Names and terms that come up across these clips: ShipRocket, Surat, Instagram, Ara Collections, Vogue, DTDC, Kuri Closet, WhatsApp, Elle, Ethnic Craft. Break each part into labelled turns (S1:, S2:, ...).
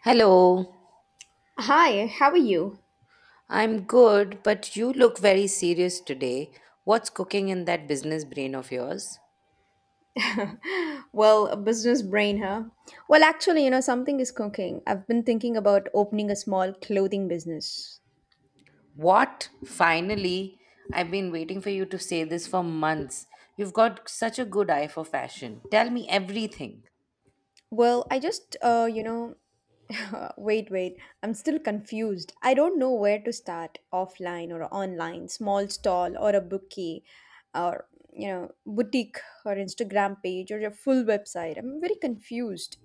S1: Hello,
S2: Hi, how are you?
S1: I'm good, but you look very serious today. What's cooking in that business brain of yours?
S2: A business brain, huh? Something is cooking. I've been thinking about opening a small clothing business.
S1: What? Finally, I've been waiting for you to say this for months. You've got such a good eye for fashion. Tell me everything.
S2: Well, I just, wait, wait. I'm still confused. I don't know where to start, offline or online, small stall or a bookie or, boutique or Instagram page or a full website. I'm very confused.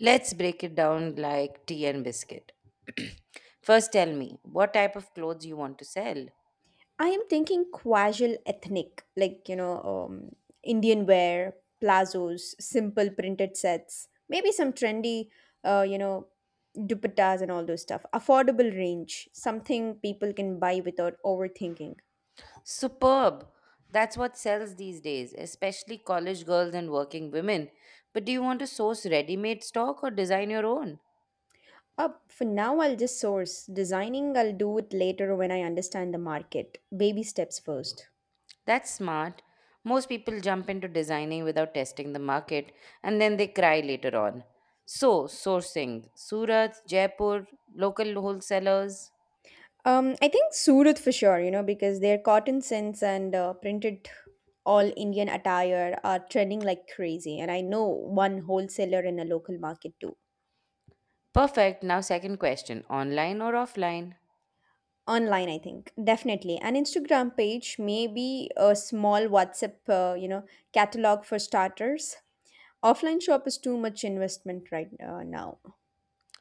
S1: Let's break it down like tea and biscuit. First, tell me what type of clothes you want to sell.
S2: I am thinking casual ethnic, Indian wear, plazos, simple printed sets, maybe some trendy, uh, you know, dupattas and all those stuff. Affordable range, something people can buy without overthinking.
S1: Superb. That's what sells these days, especially college girls and working women. But do you want to source ready made stock or design your own?
S2: For now, I'll just source. Designing, I'll do it later when I understand the market. Baby steps first.
S1: That's smart. Most people jump into designing without testing the market and then they cry later on. So, sourcing Surat, Jaipur, local wholesalers.
S2: I think Surat for sure, you know, because their cotton scents and printed all Indian attire are trending like crazy. And I know one wholesaler in a local market too.
S1: Perfect. Now, second question online or offline?
S2: Online, I think. Definitely. An Instagram page, maybe a small WhatsApp, catalog for starters. Offline shop is too much investment right now.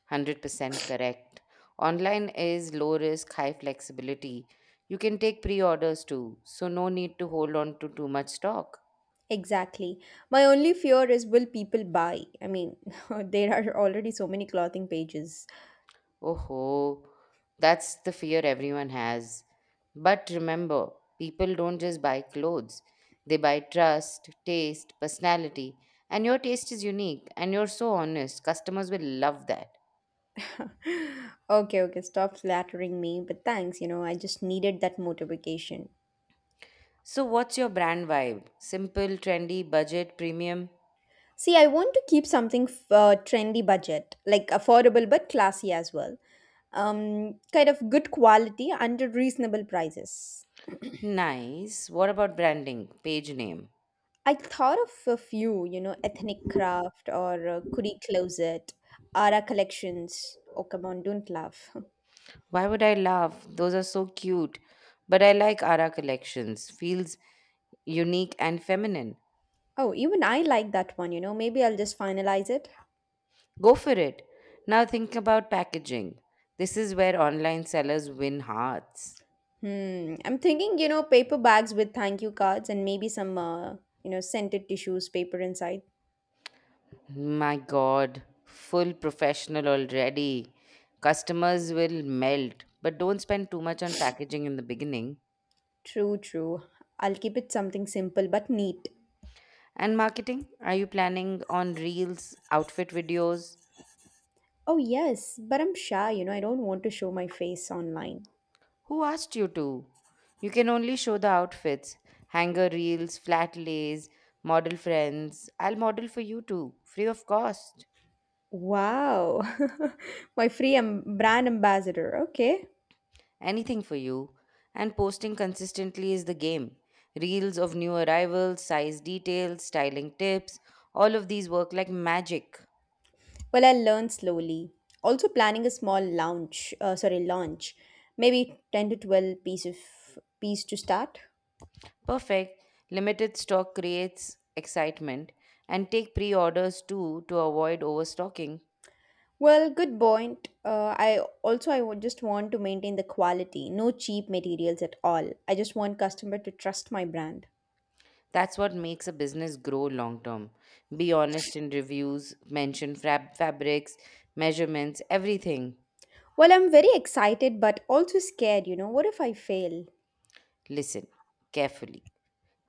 S1: 100% correct. Online is low risk, high flexibility. You can take pre orders too, so no need to hold on to too much stock.
S2: Exactly. My only fear is will people buy? I mean, there are already so many clothing pages.
S1: Oh ho, that's the fear everyone has. But remember, people don't just buy clothes, they buy trust, taste, personality. And your taste is unique and you're so honest. Customers will love that.
S2: Okay, okay, stop flattering me, but thanks, you know, I just needed that motivation.
S1: So, what's your brand vibe? Simple, trendy, budget, premium?
S2: See, I want to keep something trendy budget, like affordable but classy as well. Kind of good quality under reasonable prices.
S1: Nice. What about branding? Page name?
S2: I thought of a few, you know, Ethnic Craft or Kuri Closet, Ara Collections. Oh, come on, don't laugh.
S1: Why would I laugh? Those are so cute. But I like Ara collections. Feels unique and feminine.
S2: Oh, even I like that one, you know. Maybe I'll just finalize it.
S1: Go for it. Now think about packaging. This is where online sellers win hearts.
S2: Hmm. I'm thinking, you know, paper bags with thank you cards and maybe some, scented tissues, paper inside.
S1: My god, full professional already. Customers will melt, but don't spend too much on packaging in the beginning.
S2: True, true. I'll keep it something simple but neat.
S1: And marketing? Are you planning on reels, outfit videos?
S2: Oh, yes, but I'm shy, you know, I don't want to show my face online.
S1: Who asked you to? You can only show the outfits, hanger reels, flat lays, model friends. I'll model for you too, free of cost.
S2: Wow. My brand ambassador. Okay.
S1: Anything for you. And posting consistently is the game. Reels of new arrivals, size details, styling tips, all of these work like magic.
S2: Well, I'll learn slowly. Also, planning a small launch. Maybe 10 to 12 piece to start.
S1: Perfect. Limited stock creates excitement and take pre orders too to avoid overstocking.
S2: Well, good point. I would just want to maintain the quality, no cheap materials at all. I just want customer to trust my brand.
S1: That's what makes a business grow long term. Be honest in reviews, mention fabrics, measurements, everything.
S2: Well, I'm very excited but also scared, you know. What if I fail?
S1: Listen carefully.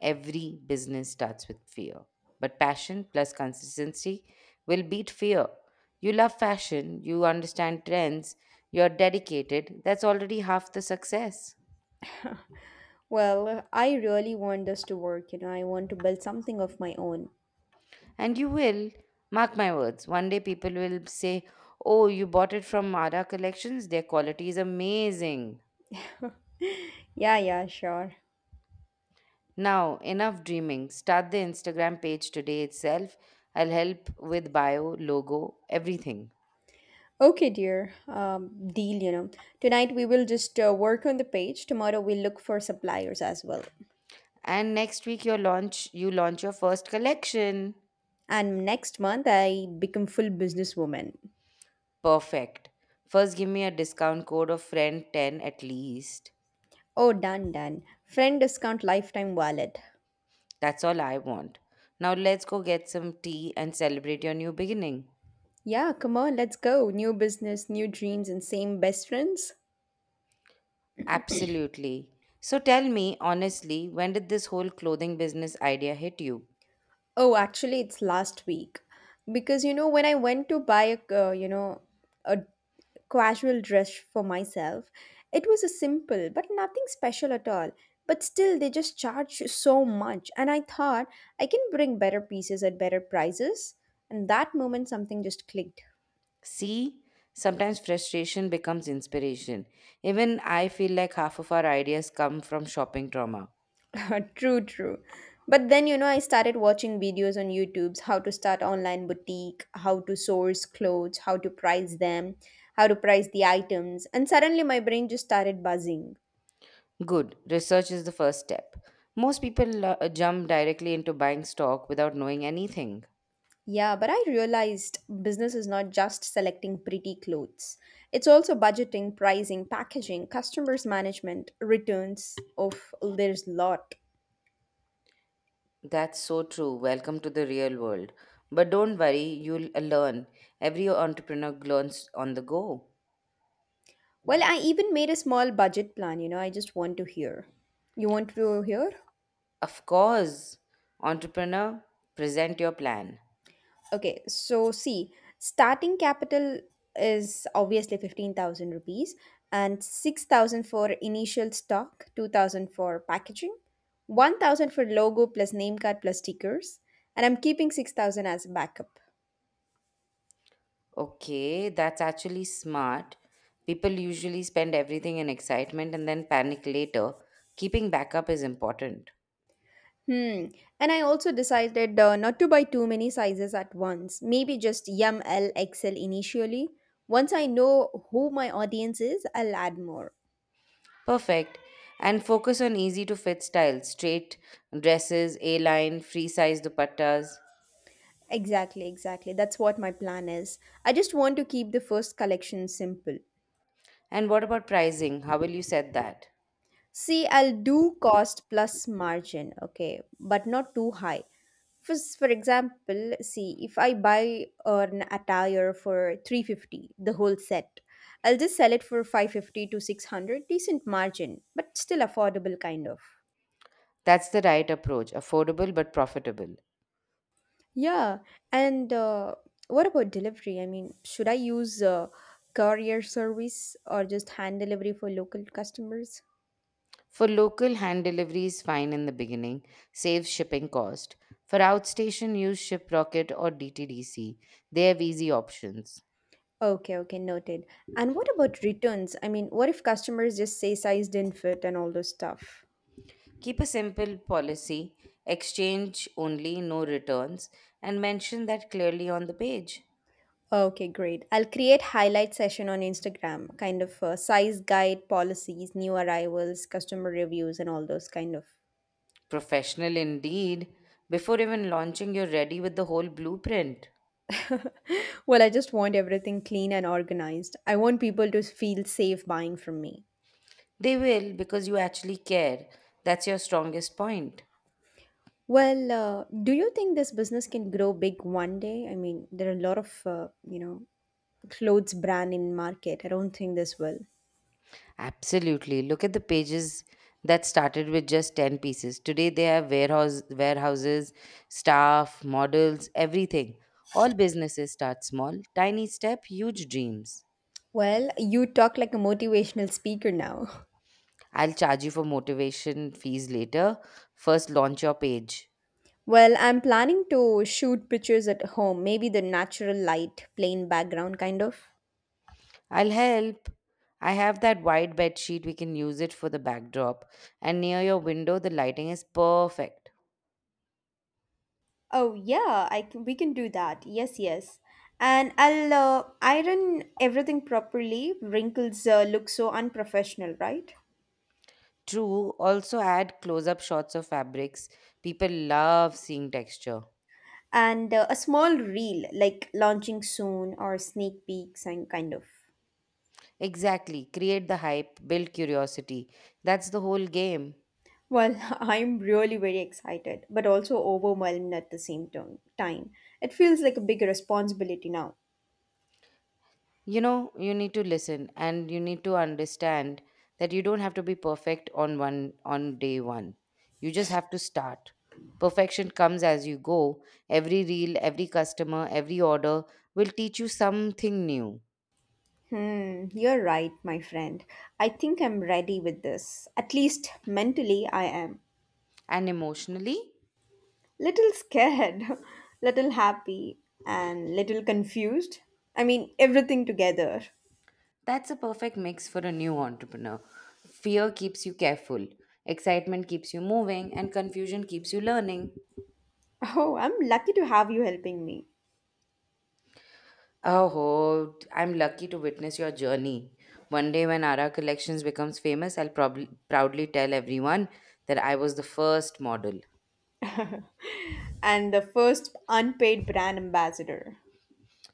S1: Every business starts with fear, but passion plus consistency will beat fear. You love fashion, you understand trends, you're dedicated. That's already half the success.
S2: Well, I really want this to work, you know. I want to build something of my own.
S1: And you will, mark my words, one day people will say, oh, you bought it from Mara Collections? Their quality is amazing.
S2: Yeah, yeah, sure.
S1: Now, enough dreaming. Start the Instagram page today itself. I'll help with bio, logo, everything.
S2: Okay, dear. Deal, you know. Tonight we will just work on the page. Tomorrow we'll look for suppliers as well.
S1: And next week you launch your first collection.
S2: And next month I become full businesswoman.
S1: Perfect. First give me a discount code of friend 10 at least.
S2: Oh, done, done. Friend discount lifetime wallet.
S1: That's all I want. Now let's go get some tea and celebrate your new beginning.
S2: Yeah, come on, let's go. New business, new dreams, and same best friends.
S1: Absolutely. So tell me honestly, when did this whole clothing business idea hit you?
S2: Oh, actually, it's last week. Because, you know, when I went to buy uh, you know, a casual dress for myself, it was a simple, but nothing special at all. But still, they just charge you so much. And I thought I can bring better pieces at better prices. And that moment, something just clicked.
S1: See, sometimes frustration becomes inspiration. Even I feel like half of our ideas come from shopping trauma.
S2: True, true. But then, you know, I started watching videos on YouTube's how to start online boutique, how to source clothes, how to price the items, and suddenly my brain just started buzzing.
S1: Good, research is the first step. Most people jump directly into buying stock without knowing anything.
S2: Yeah, but I realized business is not just selecting pretty clothes. It's also budgeting, pricing, packaging, customers management, returns. Of there's lot.
S1: That's so true. Welcome to the real world. But don't worry, you'll learn. Every entrepreneur learns on the go.
S2: Well, I even made a small budget plan, you know, I just want to hear. You want to hear?
S1: Of course, entrepreneur, present your plan.
S2: Okay, so see, starting capital is obviously 15,000 rupees and 6,000 for initial stock, 2,000 for packaging, 1,000 for logo plus name card plus stickers, and I'm keeping 6,000 as backup.
S1: Okay, that's actually smart. People usually spend everything in excitement and then panic later. Keeping backup is important.
S2: Hmm. And I also decided not to buy too many sizes at once. Maybe just YML XL initially. Once I know who my audience is, I'll add more.
S1: Perfect. And focus on easy to fit styles straight dresses, A line, free size dupattas.
S2: Exactly, exactly. That's what my plan is. I just want to keep the first collection simple.
S1: And what about pricing? How will you set that?
S2: See, I'll do cost plus margin, okay, but not too high. For example, see, if I buy an attire for 350, the whole set, I'll just sell it for 550 to 600, decent margin, but still affordable kind of.
S1: That's the right approach affordable but profitable.
S2: Yeah, and what about delivery? I mean, should I use courier service or just hand delivery for local customers?
S1: For local, hand delivery is fine in the beginning, saves shipping cost. For outstation, use ShipRocket or DTDC. They have easy options.
S2: Okay, okay, noted. And what about returns? I mean, what if customers just say size didn't fit and all those stuff?
S1: Keep a simple policy, exchange only, no returns, and mention that clearly on the page.
S2: Okay, great. I'll create highlight session on Instagram, kind of size guide, policies, new arrivals, customer reviews, and all those kind of.
S1: Professional indeed. Before even launching, you're ready with the whole blueprint.
S2: Well, I just want everything clean and organized. I want people to feel safe buying from me.
S1: They will because you actually care. That's your strongest point.
S2: Well, do you think this business can grow big one day? I mean, there are a lot of, clothes brand in market. I don't think this will.
S1: Absolutely. Look at the pages that started with just 10 pieces. Today they have warehouse, warehouses, staff, models, everything. All businesses start small. Tiny step, huge dreams.
S2: Well, you talk like a motivational speaker now.
S1: I'll charge you for motivation fees later. First, launch your page.
S2: Well, I'm planning to shoot pictures at home, maybe the natural light, plain background kind of.
S1: I'll help. I have that white bed sheet. We can use it for the backdrop. And near your window, the lighting is perfect.
S2: Oh yeah, we can do that. Yes, yes. And I'll iron everything properly. Wrinkles look so unprofessional, right?
S1: True, also add close up shots of fabrics. People love seeing texture.
S2: And a small reel like launching soon or sneak peeks and kind of.
S1: Exactly. Create the hype, build curiosity. That's the whole game.
S2: Well, I'm really very excited but also overwhelmed at the same time. It feels like a big responsibility now.
S1: You know, you need to listen and you need to understand that you don't have to be perfect on one on day one. You just have to start. Perfection comes as you go. Every reel, every customer, every order will teach you something new.
S2: Hmm, you're right, my friend. I think I'm ready with this, at least mentally I am.
S1: And emotionally?
S2: Little scared, little happy, and little confused. I mean, everything together.
S1: That's a perfect mix for a new entrepreneur. Fear keeps you careful, excitement keeps you moving, and confusion keeps you learning.
S2: Oh, I'm lucky to have you helping me.
S1: Oh, I'm lucky to witness your journey. One day, when Ara Collections becomes famous, I'll probably proudly tell everyone that I was the first model.
S2: And the first unpaid brand ambassador.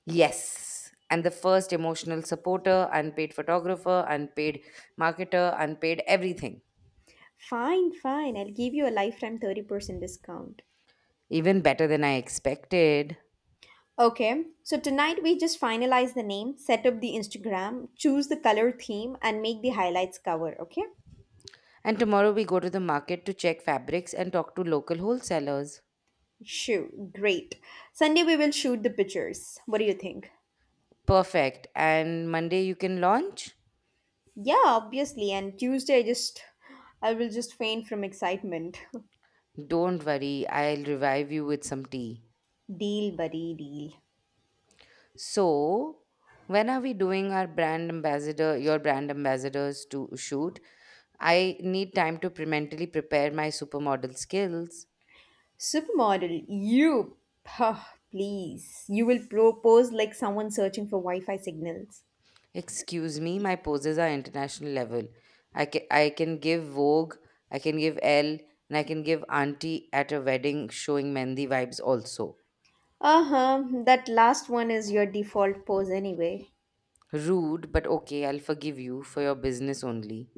S1: Yes, and the first emotional supporter, unpaid photographer, unpaid marketer, unpaid everything.
S2: Fine, fine. I'll give you a lifetime 30% discount.
S1: Even better than I expected.
S2: Okay, so tonight we just finalize the name, set up the Instagram, choose the color theme, and make the highlights cover. Okay?
S1: And tomorrow, we go to the market to check fabrics and talk to local wholesalers.
S2: Shoot, great. Sunday we will shoot the pictures. What do you think?
S1: Perfect. And Monday, you can launch?
S2: Yeah, obviously. And Tuesday, I will just faint from excitement.
S1: Don't worry, I'll revive you with some tea.
S2: Deal, buddy, deal.
S1: So, when are we doing our brand ambassador, your brand ambassadors to shoot? I need time to mentally prepare my supermodel skills.
S2: Supermodel, you. Puh, please. You will propose like someone searching for Wi Fi signals.
S1: Excuse me, my poses are international level. I can give Vogue, I can give Elle, and I can give Auntie at a wedding showing Mendi vibes also.
S2: Uh huh. That last one is your default pose anyway.
S1: Rude, but okay, I'll forgive you for your business only.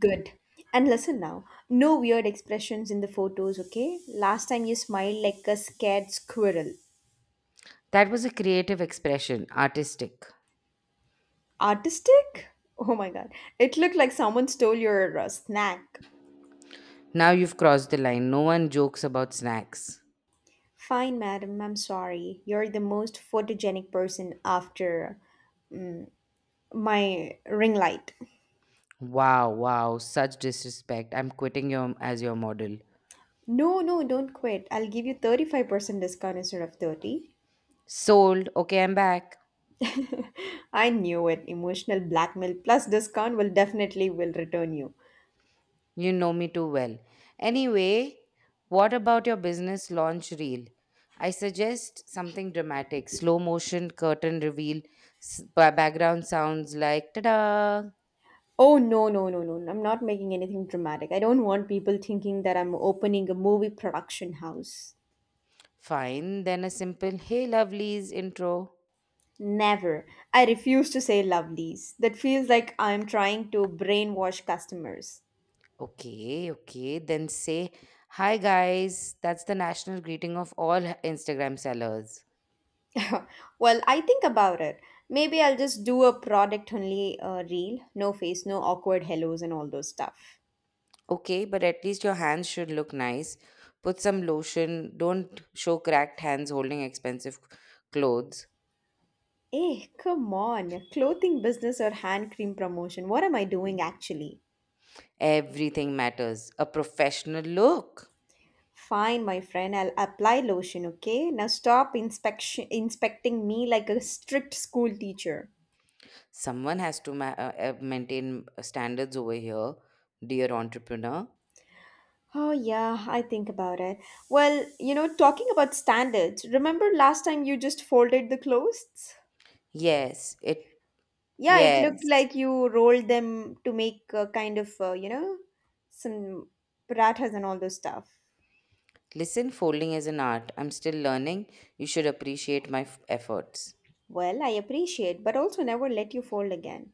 S2: Good. And listen now. No weird expressions in the photos, okay? Last time you smiled like a scared squirrel.
S1: That was a creative expression, artistic.
S2: Artistic? Oh my god. It looked like someone stole your snack.
S1: Now you've crossed the line. No one jokes about snacks.
S2: Fine, madam. I'm sorry. You're the most photogenic person after my ring light.
S1: Wow, wow, such disrespect. I'm quitting you as your model.
S2: No, no, don't quit. I'll give you 35% discount instead of 30.
S1: Sold. Okay, I'm back.
S2: I knew it. Emotional blackmail plus discount will definitely will return you.
S1: You know me too well. Anyway, what about your business launch reel? I suggest something dramatic, slow motion curtain reveal, background sounds like ta-da.
S2: Oh no, no, no, no. I'm not making anything dramatic. I don't want people thinking that I'm opening a movie production house.
S1: Fine, then a simple hey lovelies intro.
S2: Never. I refuse to say lovelies. That feels like I'm trying to brainwash customers.
S1: Okay, okay, then say hi guys. That's the national greeting of all Instagram sellers.
S2: Well, I think about it. Maybe I'll just do a product only reel. No face, no awkward hellos and all those stuff.
S1: Okay, but at least your hands should look nice. Put some lotion. Don't show cracked hands holding expensive clothes.
S2: Eh, come on. A clothing business or hand cream promotion. What am I doing actually?
S1: Everything matters. A professional look.
S2: Fine, my friend. I'll apply lotion, okay? Now stop inspection inspecting me like a strict school teacher.
S1: Someone has to maintain standards over here, dear entrepreneur.
S2: Oh yeah, I think about it. Well, you know, talking about standards, remember last time you just folded the clothes?
S1: Yes, it.
S2: Yeah, it looked
S1: Yes.
S2: like you rolled them to make a kind of, some parathas and all those stuff.
S1: Listen, folding is an art. I'm still learning. You should appreciate my efforts.
S2: Well, I appreciate, but also never let you fold again.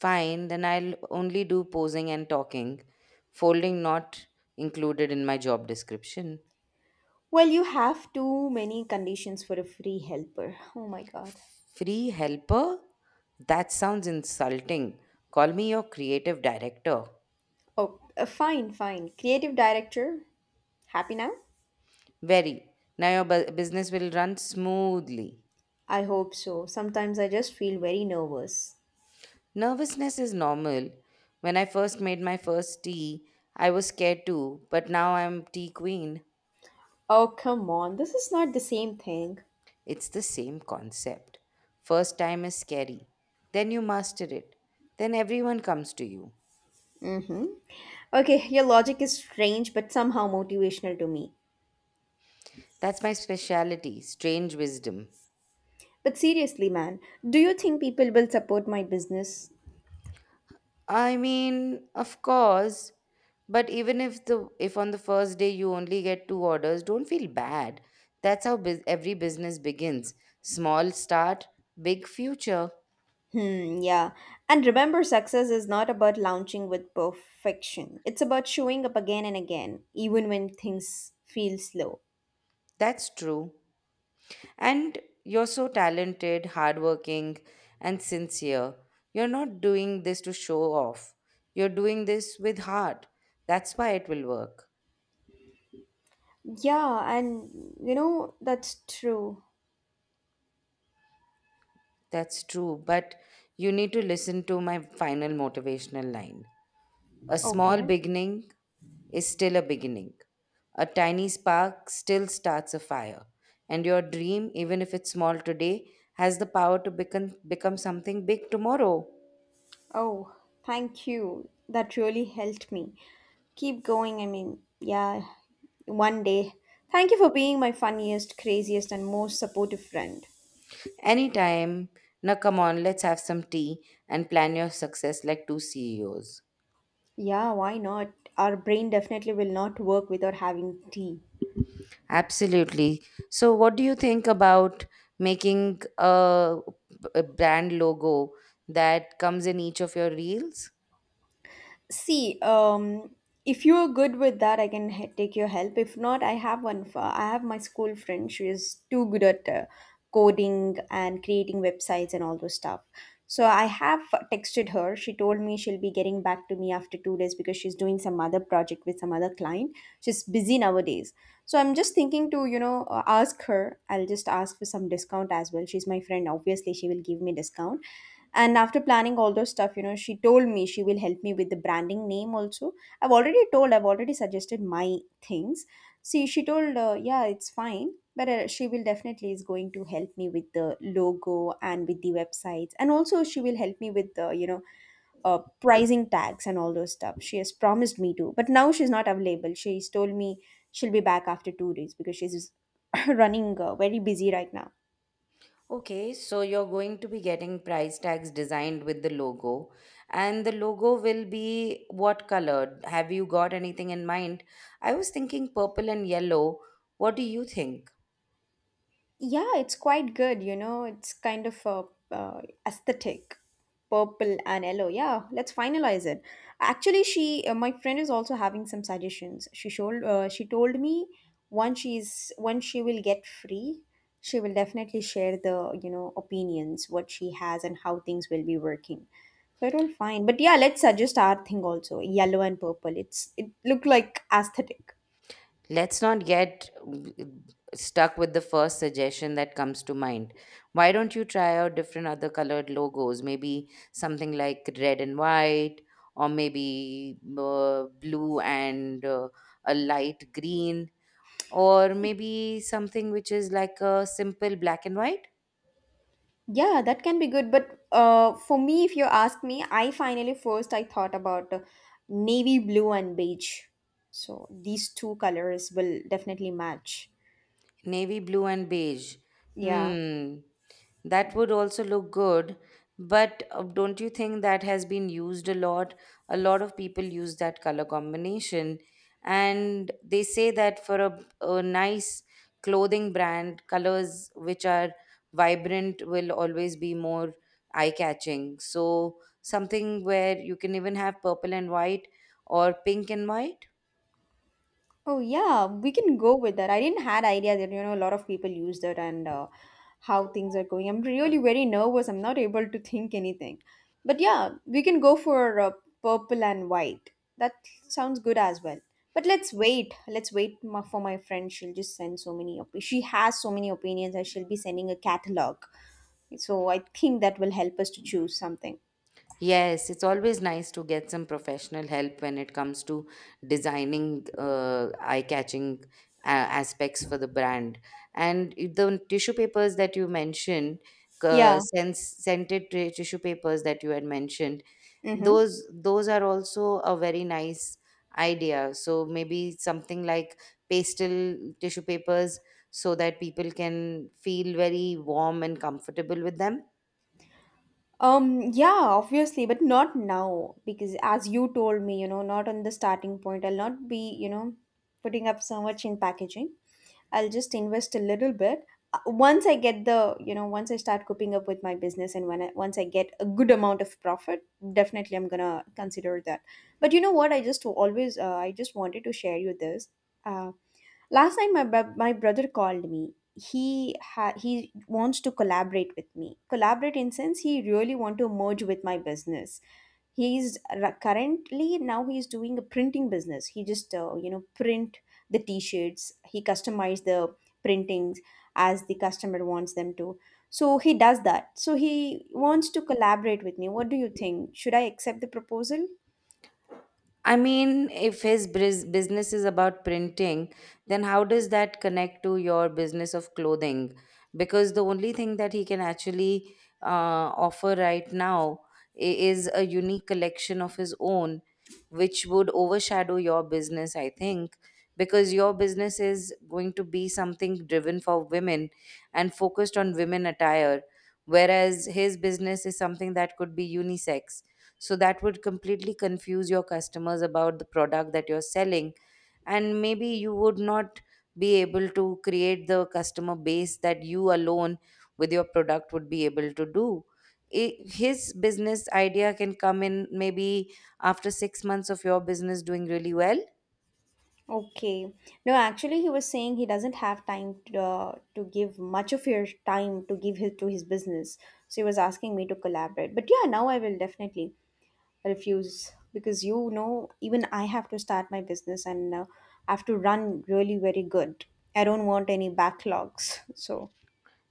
S1: Fine, then I'll only do posing and talking. Folding not included in my job description.
S2: Well, you have too many conditions for a free helper. Oh my god.
S1: Free helper? That sounds insulting. Call me your creative director.
S2: Oh, Fine, fine. Creative director, happy now?
S1: Very. Now your business will run smoothly.
S2: I hope so. Sometimes I just feel very nervous.
S1: Nervousness is normal. When I first made my first tea, I was scared too, but now I'm tea queen.
S2: Oh, come on. This is not the same thing.
S1: It's the same concept. First time is scary. Then you master it. Then everyone comes to you.
S2: Mm-hmm. Okay, your logic is strange but somehow motivational to me.
S1: That's my specialty, strange wisdom.
S2: But seriously, man, do you think people will support my business?
S1: I mean, of course, but even if the if on the first day you only get two orders, don't feel bad. That's how bus every business begins. Small start, big future.
S2: Hmm, yeah. And remember, success is not about launching with perfection. It's about showing up again and again, even when things feel slow.
S1: That's true. And you're so talented, hardworking, and sincere. You're not doing this to show off. You're doing this with heart. That's why it will work.
S2: Yeah, and you know, that's true.
S1: That's true, but you need to listen to my final motivational line. A small
S2: Okay.
S1: beginning is still a beginning. A tiny spark still starts a fire. And your dream, even if it's small today, has the power to become something big tomorrow.
S2: Oh, thank you. That really helped me. Keep going. I mean, yeah, one day. Thank you for being my funniest, craziest, and most supportive friend.
S1: Anytime. Now, come on, let's have some tea and plan your success like two CEOs.
S2: Yeah, why not? Our brain definitely will not work without having tea.
S1: Absolutely. So, what do you think about making a brand logo that comes in each of your reels?
S2: See, if you are good with that, I can take your help. If not, I have my school friend. She is too good at coding and creating websites and all those stuff. So I have texted her. She told me she'll be getting back to me after 2 days because she's doing some other project with some other client. She's busy nowadays. So I'm just thinking to, ask her. I'll just ask for some discount as well. She's my friend. Obviously, she will give me discount. And after planning all those stuff, you know, she told me she will help me with the branding name also. I've already suggested my things. See, she told, yeah, it's fine, but she will definitely is going to help me with the logo and with the websites, and also she will help me with the, pricing tags and all those stuff. She has promised me to, but now she's not available. She's told me she'll be back after 2 days because she's running very busy right now.
S1: Okay, so you're going to be getting price tags designed with the logo, and the logo will be what color? Have you got anything in mind? I was thinking purple and yellow. What do you think?
S2: Yeah, it's quite good. It's kind of a uh, aesthetic, purple and yellow. Yeah, let's finalize it. Actually, she, my friend, is also having some suggestions. She told me once she will get free, she will definitely share the opinions what she has and how things will be working. So it all fine, but yeah, let's suggest our thing also, yellow and purple. It look like aesthetic.
S1: Let's not get stuck with the first suggestion that comes to mind. Why don't you try out different other colored logos? Maybe something like red and white, or maybe blue and a light green, or maybe something which is like a simple black and white,
S2: Yeah, that can be good. But for me, if you ask me, I finally first, I thought about navy blue and beige. So these two colors will definitely match.
S1: navy blue and beige.
S2: Yeah.
S1: Hmm, that would also look good. But don't you think that has been used a lot? A lot of people use that color combination, and they say that for a nice clothing brand, colors which are vibrant will always be more eye catching. So, something where you can even have purple and white or pink and white.
S2: Oh yeah, we can go with that. I didn't had idea that a lot of people use that, and how things are going. I'm really very nervous. I'm not able to think anything. But yeah, we can go for purple and white. That sounds good as well. But let's wait. Let's wait for my friend. She'll just send so many. She has so many opinions, and she'll be sending a catalog. So I think that will help us to choose something.
S1: Yes, it's always nice to get some professional help when it comes to designing eye-catching aspects for the brand. And the tissue papers that you mentioned,
S2: Yeah.
S1: scented tissue papers that you had mentioned,
S2: Mm-hmm.
S1: those are also a very nice idea. So maybe something like pastel tissue papers, so that people can feel very warm and comfortable with them.
S2: Yeah, obviously, but not now, because as you told me, not on the starting point, I'll not be, putting up so much in packaging. I'll just invest a little bit. Once I get the, you know, once I start coping up with my business, and once I get a good amount of profit, definitely I'm gonna consider that. But you know what? I just wanted to share you this. Uh, Last time my my brother called me. He wants to collaborate with me. Collaborate in sense he really want to merge with my business. He is currently now he is doing a printing business. He just print the t-shirts. He customize the printings as the customer wants them to. So he does that. So he wants to collaborate with me. What do you think? Should I accept the proposal?
S1: I mean, if his business is about printing, then how does that connect to your business of clothing? Because the only thing that he can actually offer right now is a unique collection of his own, which would overshadow your business, I think, because your business is going to be something driven for women and focused on women attire, whereas his business is something that could be unisex, so that would completely confuse your customers about the product that you're selling. And maybe you would not be able to create the customer base that you alone with your product would be able to do. His business idea can come in maybe after 6 months of your business doing really well.
S2: Okay. No, actually, he was saying he doesn't have time to, to give much of your time to give his to his business. So he was asking me to collaborate. But yeah, now I will definitely refuse, because even I have to start my business, and I have to run really very good. I don't want any backlogs. So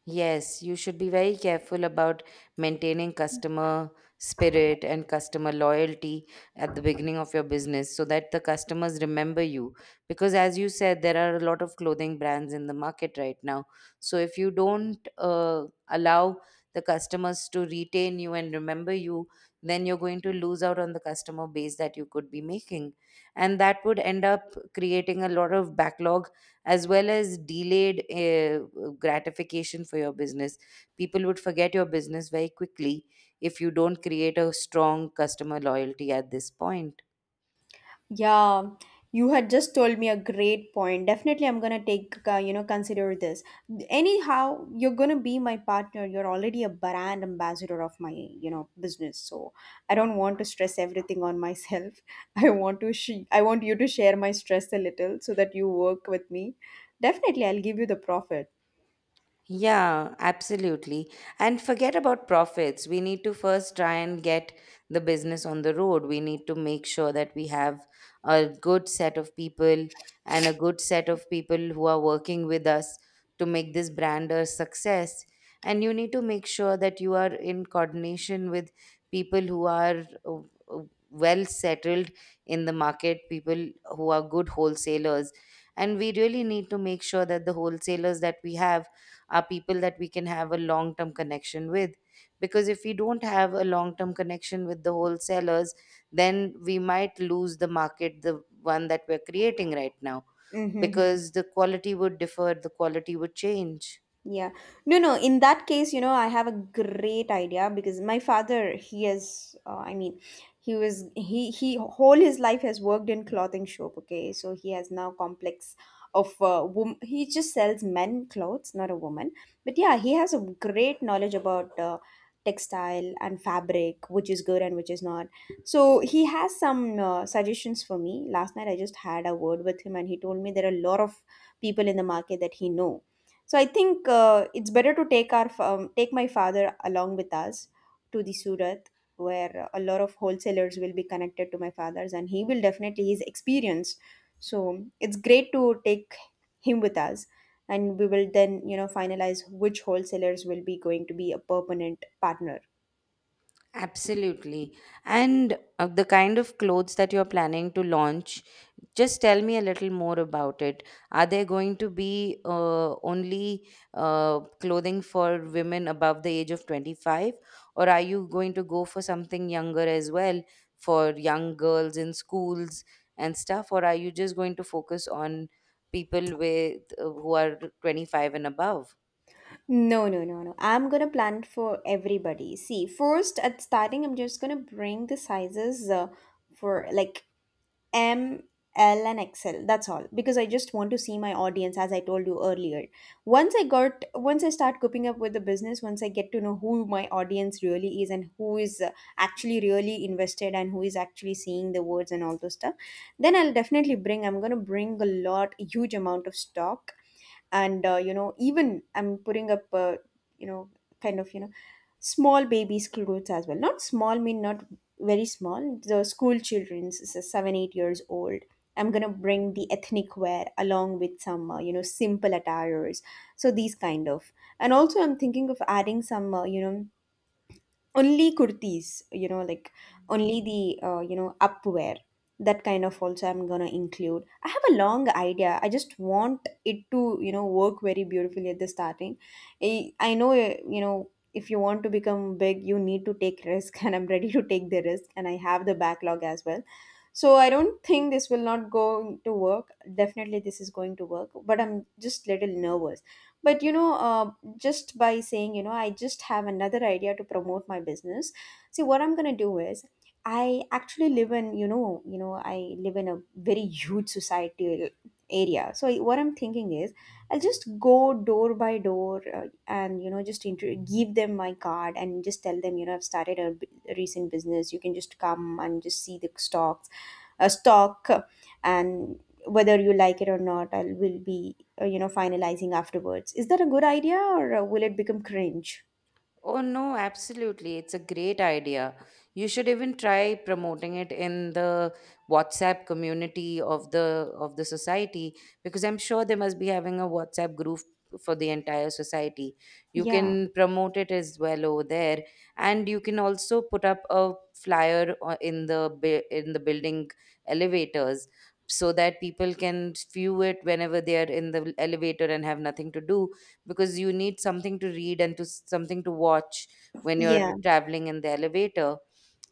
S1: Yes, you should be very careful about maintaining customer spirit and customer loyalty at the beginning of your business so that the customers remember you. Because, as you said, there are a lot of clothing brands in the market right now. So, if you don't allow the customers to retain you and remember you, then you're going to lose out on the customer base that you could be making. And that would end up creating a lot of backlog as well as delayed gratification for your business. People would forget your business very quickly if you don't create a strong customer loyalty at this point.
S2: Yeah, you had just told me a great point. Definitely, I'm gonna consider this. Anyhow, you're gonna be my partner. You're already a brand ambassador of my, business. So I don't want to stress everything on myself. I want you to share my stress a little so that you work with me. Definitely, I'll give you the profit.
S1: Yeah, absolutely. And forget about profits. We need to first try and get the business on the road. We need to make sure that we have a good set of people, and a good set of people who are working with us to make this brand a success. And you need to make sure that you are in coordination with people who are uh, well settled in the market, people who are good wholesalers. And we really need to make sure that the wholesalers that we have are people that we can have a long term connection with. Because if we don't have a long term connection with the wholesalers, then we might lose the market, the one that we're creating right now,
S2: Mm-hmm.
S1: because the quality would differ, the quality would change.
S2: Yeah. No, no. In that case, I have a great idea, because my father, I mean, he whole his life has worked in clothing shop. Okay. So he has now complex he just sells men clothes, not a woman. But yeah, he has a great knowledge about, textile and fabric, which is good and which is not. So he has some suggestions for me. Last night I just had a word with him and he told me there are a lot of people in the market that he know, so I think it's better to take my father along with us to the Surat, where a lot of wholesalers will be connected to my father's, and he will definitely his experience. So it's great to take him with us, and we will then finalize which wholesalers will be going to be a permanent partner.
S1: Absolutely. And the kind of clothes that you're planning to launch, just tell me a little more about it. Are there going to be only clothing for women above the age of 25, or are you going to go for something younger as well, for young girls in schools and stuff, or are you just going to focus on people with who are 25 and above?
S2: No, no, no, no. I'm gonna plan it for everybody. See, first at starting, I'm just gonna bring the sizes for like M, L, and Excel. That's all. Because I just want to see my audience, as I told you earlier. Once I start cooking up with the business, once I get to know who my audience really is and who is actually really invested and who is actually seeing the words and all those stuff, then I'll definitely bring. I'm gonna bring a lot, huge amount of stock, and even I'm putting up you know kind of small babies clothes as well, not small mean, not very small, the school children's 7 8 years old. I'm gonna bring the ethnic wear along with some simple attires, so these kind of, and also I'm thinking of adding some only kurtis, like only the upwear, that kind of also I'm gonna include. I have a long idea, I just want it to work very beautifully at the starting. I know if you want to become big, you need to take risk. And I'm ready to take the risk and I have the backlog as well, so I don't think this will not go to work. Definitely this is going to work, but I'm just little nervous. But just by saying, I just have another idea to promote my business. See, what I'm going to do is I actually live in, you know, I live in a very huge societal area. So what I'm thinking is, I'll just go door by door and, just give them my card and just tell them, I've started a, a recent business. You can just come and just see the stocks, a stock and whether you like it or not, I will be finalizing afterwards. Is that a good idea, or will it become cringe?
S1: Oh no, absolutely. It's a great idea. You should even try promoting it in the WhatsApp community of the society, because I'm sure they must be having a WhatsApp group for the entire society. You
S2: Yeah,
S1: can promote it as well over there, and you can also put up a flyer in the building elevators, so that people can view it whenever they are in the elevator and have nothing to do, because you need something to read and to something to watch when
S2: yeah.
S1: you're traveling in the elevator.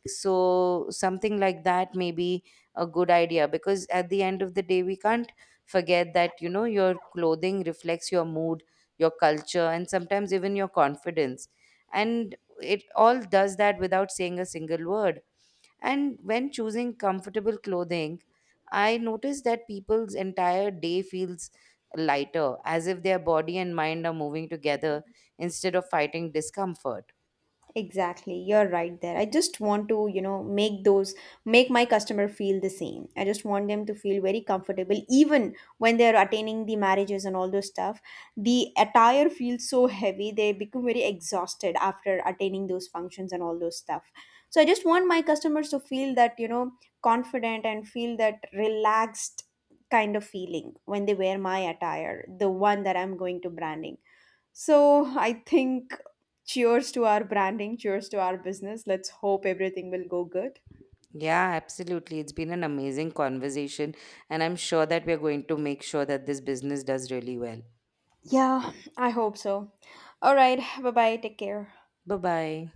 S1: So something like that may be a good idea, because at the end of the day, we can't forget that, you know, your clothing reflects your mood, your culture, and sometimes even your confidence. And it all does that without saying a single word. And when choosing comfortable clothing, I notice that people's entire day feels lighter, as if their body and mind are moving together instead of fighting discomfort.
S2: Exactly, you're right there. I just want to, make my customer feel the same. I just want them to feel very comfortable even when they're attaining the marriages and all those stuff. The attire feels so heavy, they become very exhausted after attaining those functions and all those stuff. So I just want my customers to feel that, confident, and feel that relaxed kind of feeling when they wear my attire, the one that I'm going to branding. So I think, cheers to our branding, cheers to our business. Let's hope everything will go good.
S1: Yeah, absolutely. It's been an amazing conversation, and I'm sure that we're going to make sure that this business does really well.
S2: Yeah, I hope so. All right. Bye bye. Take care.
S1: Bye bye.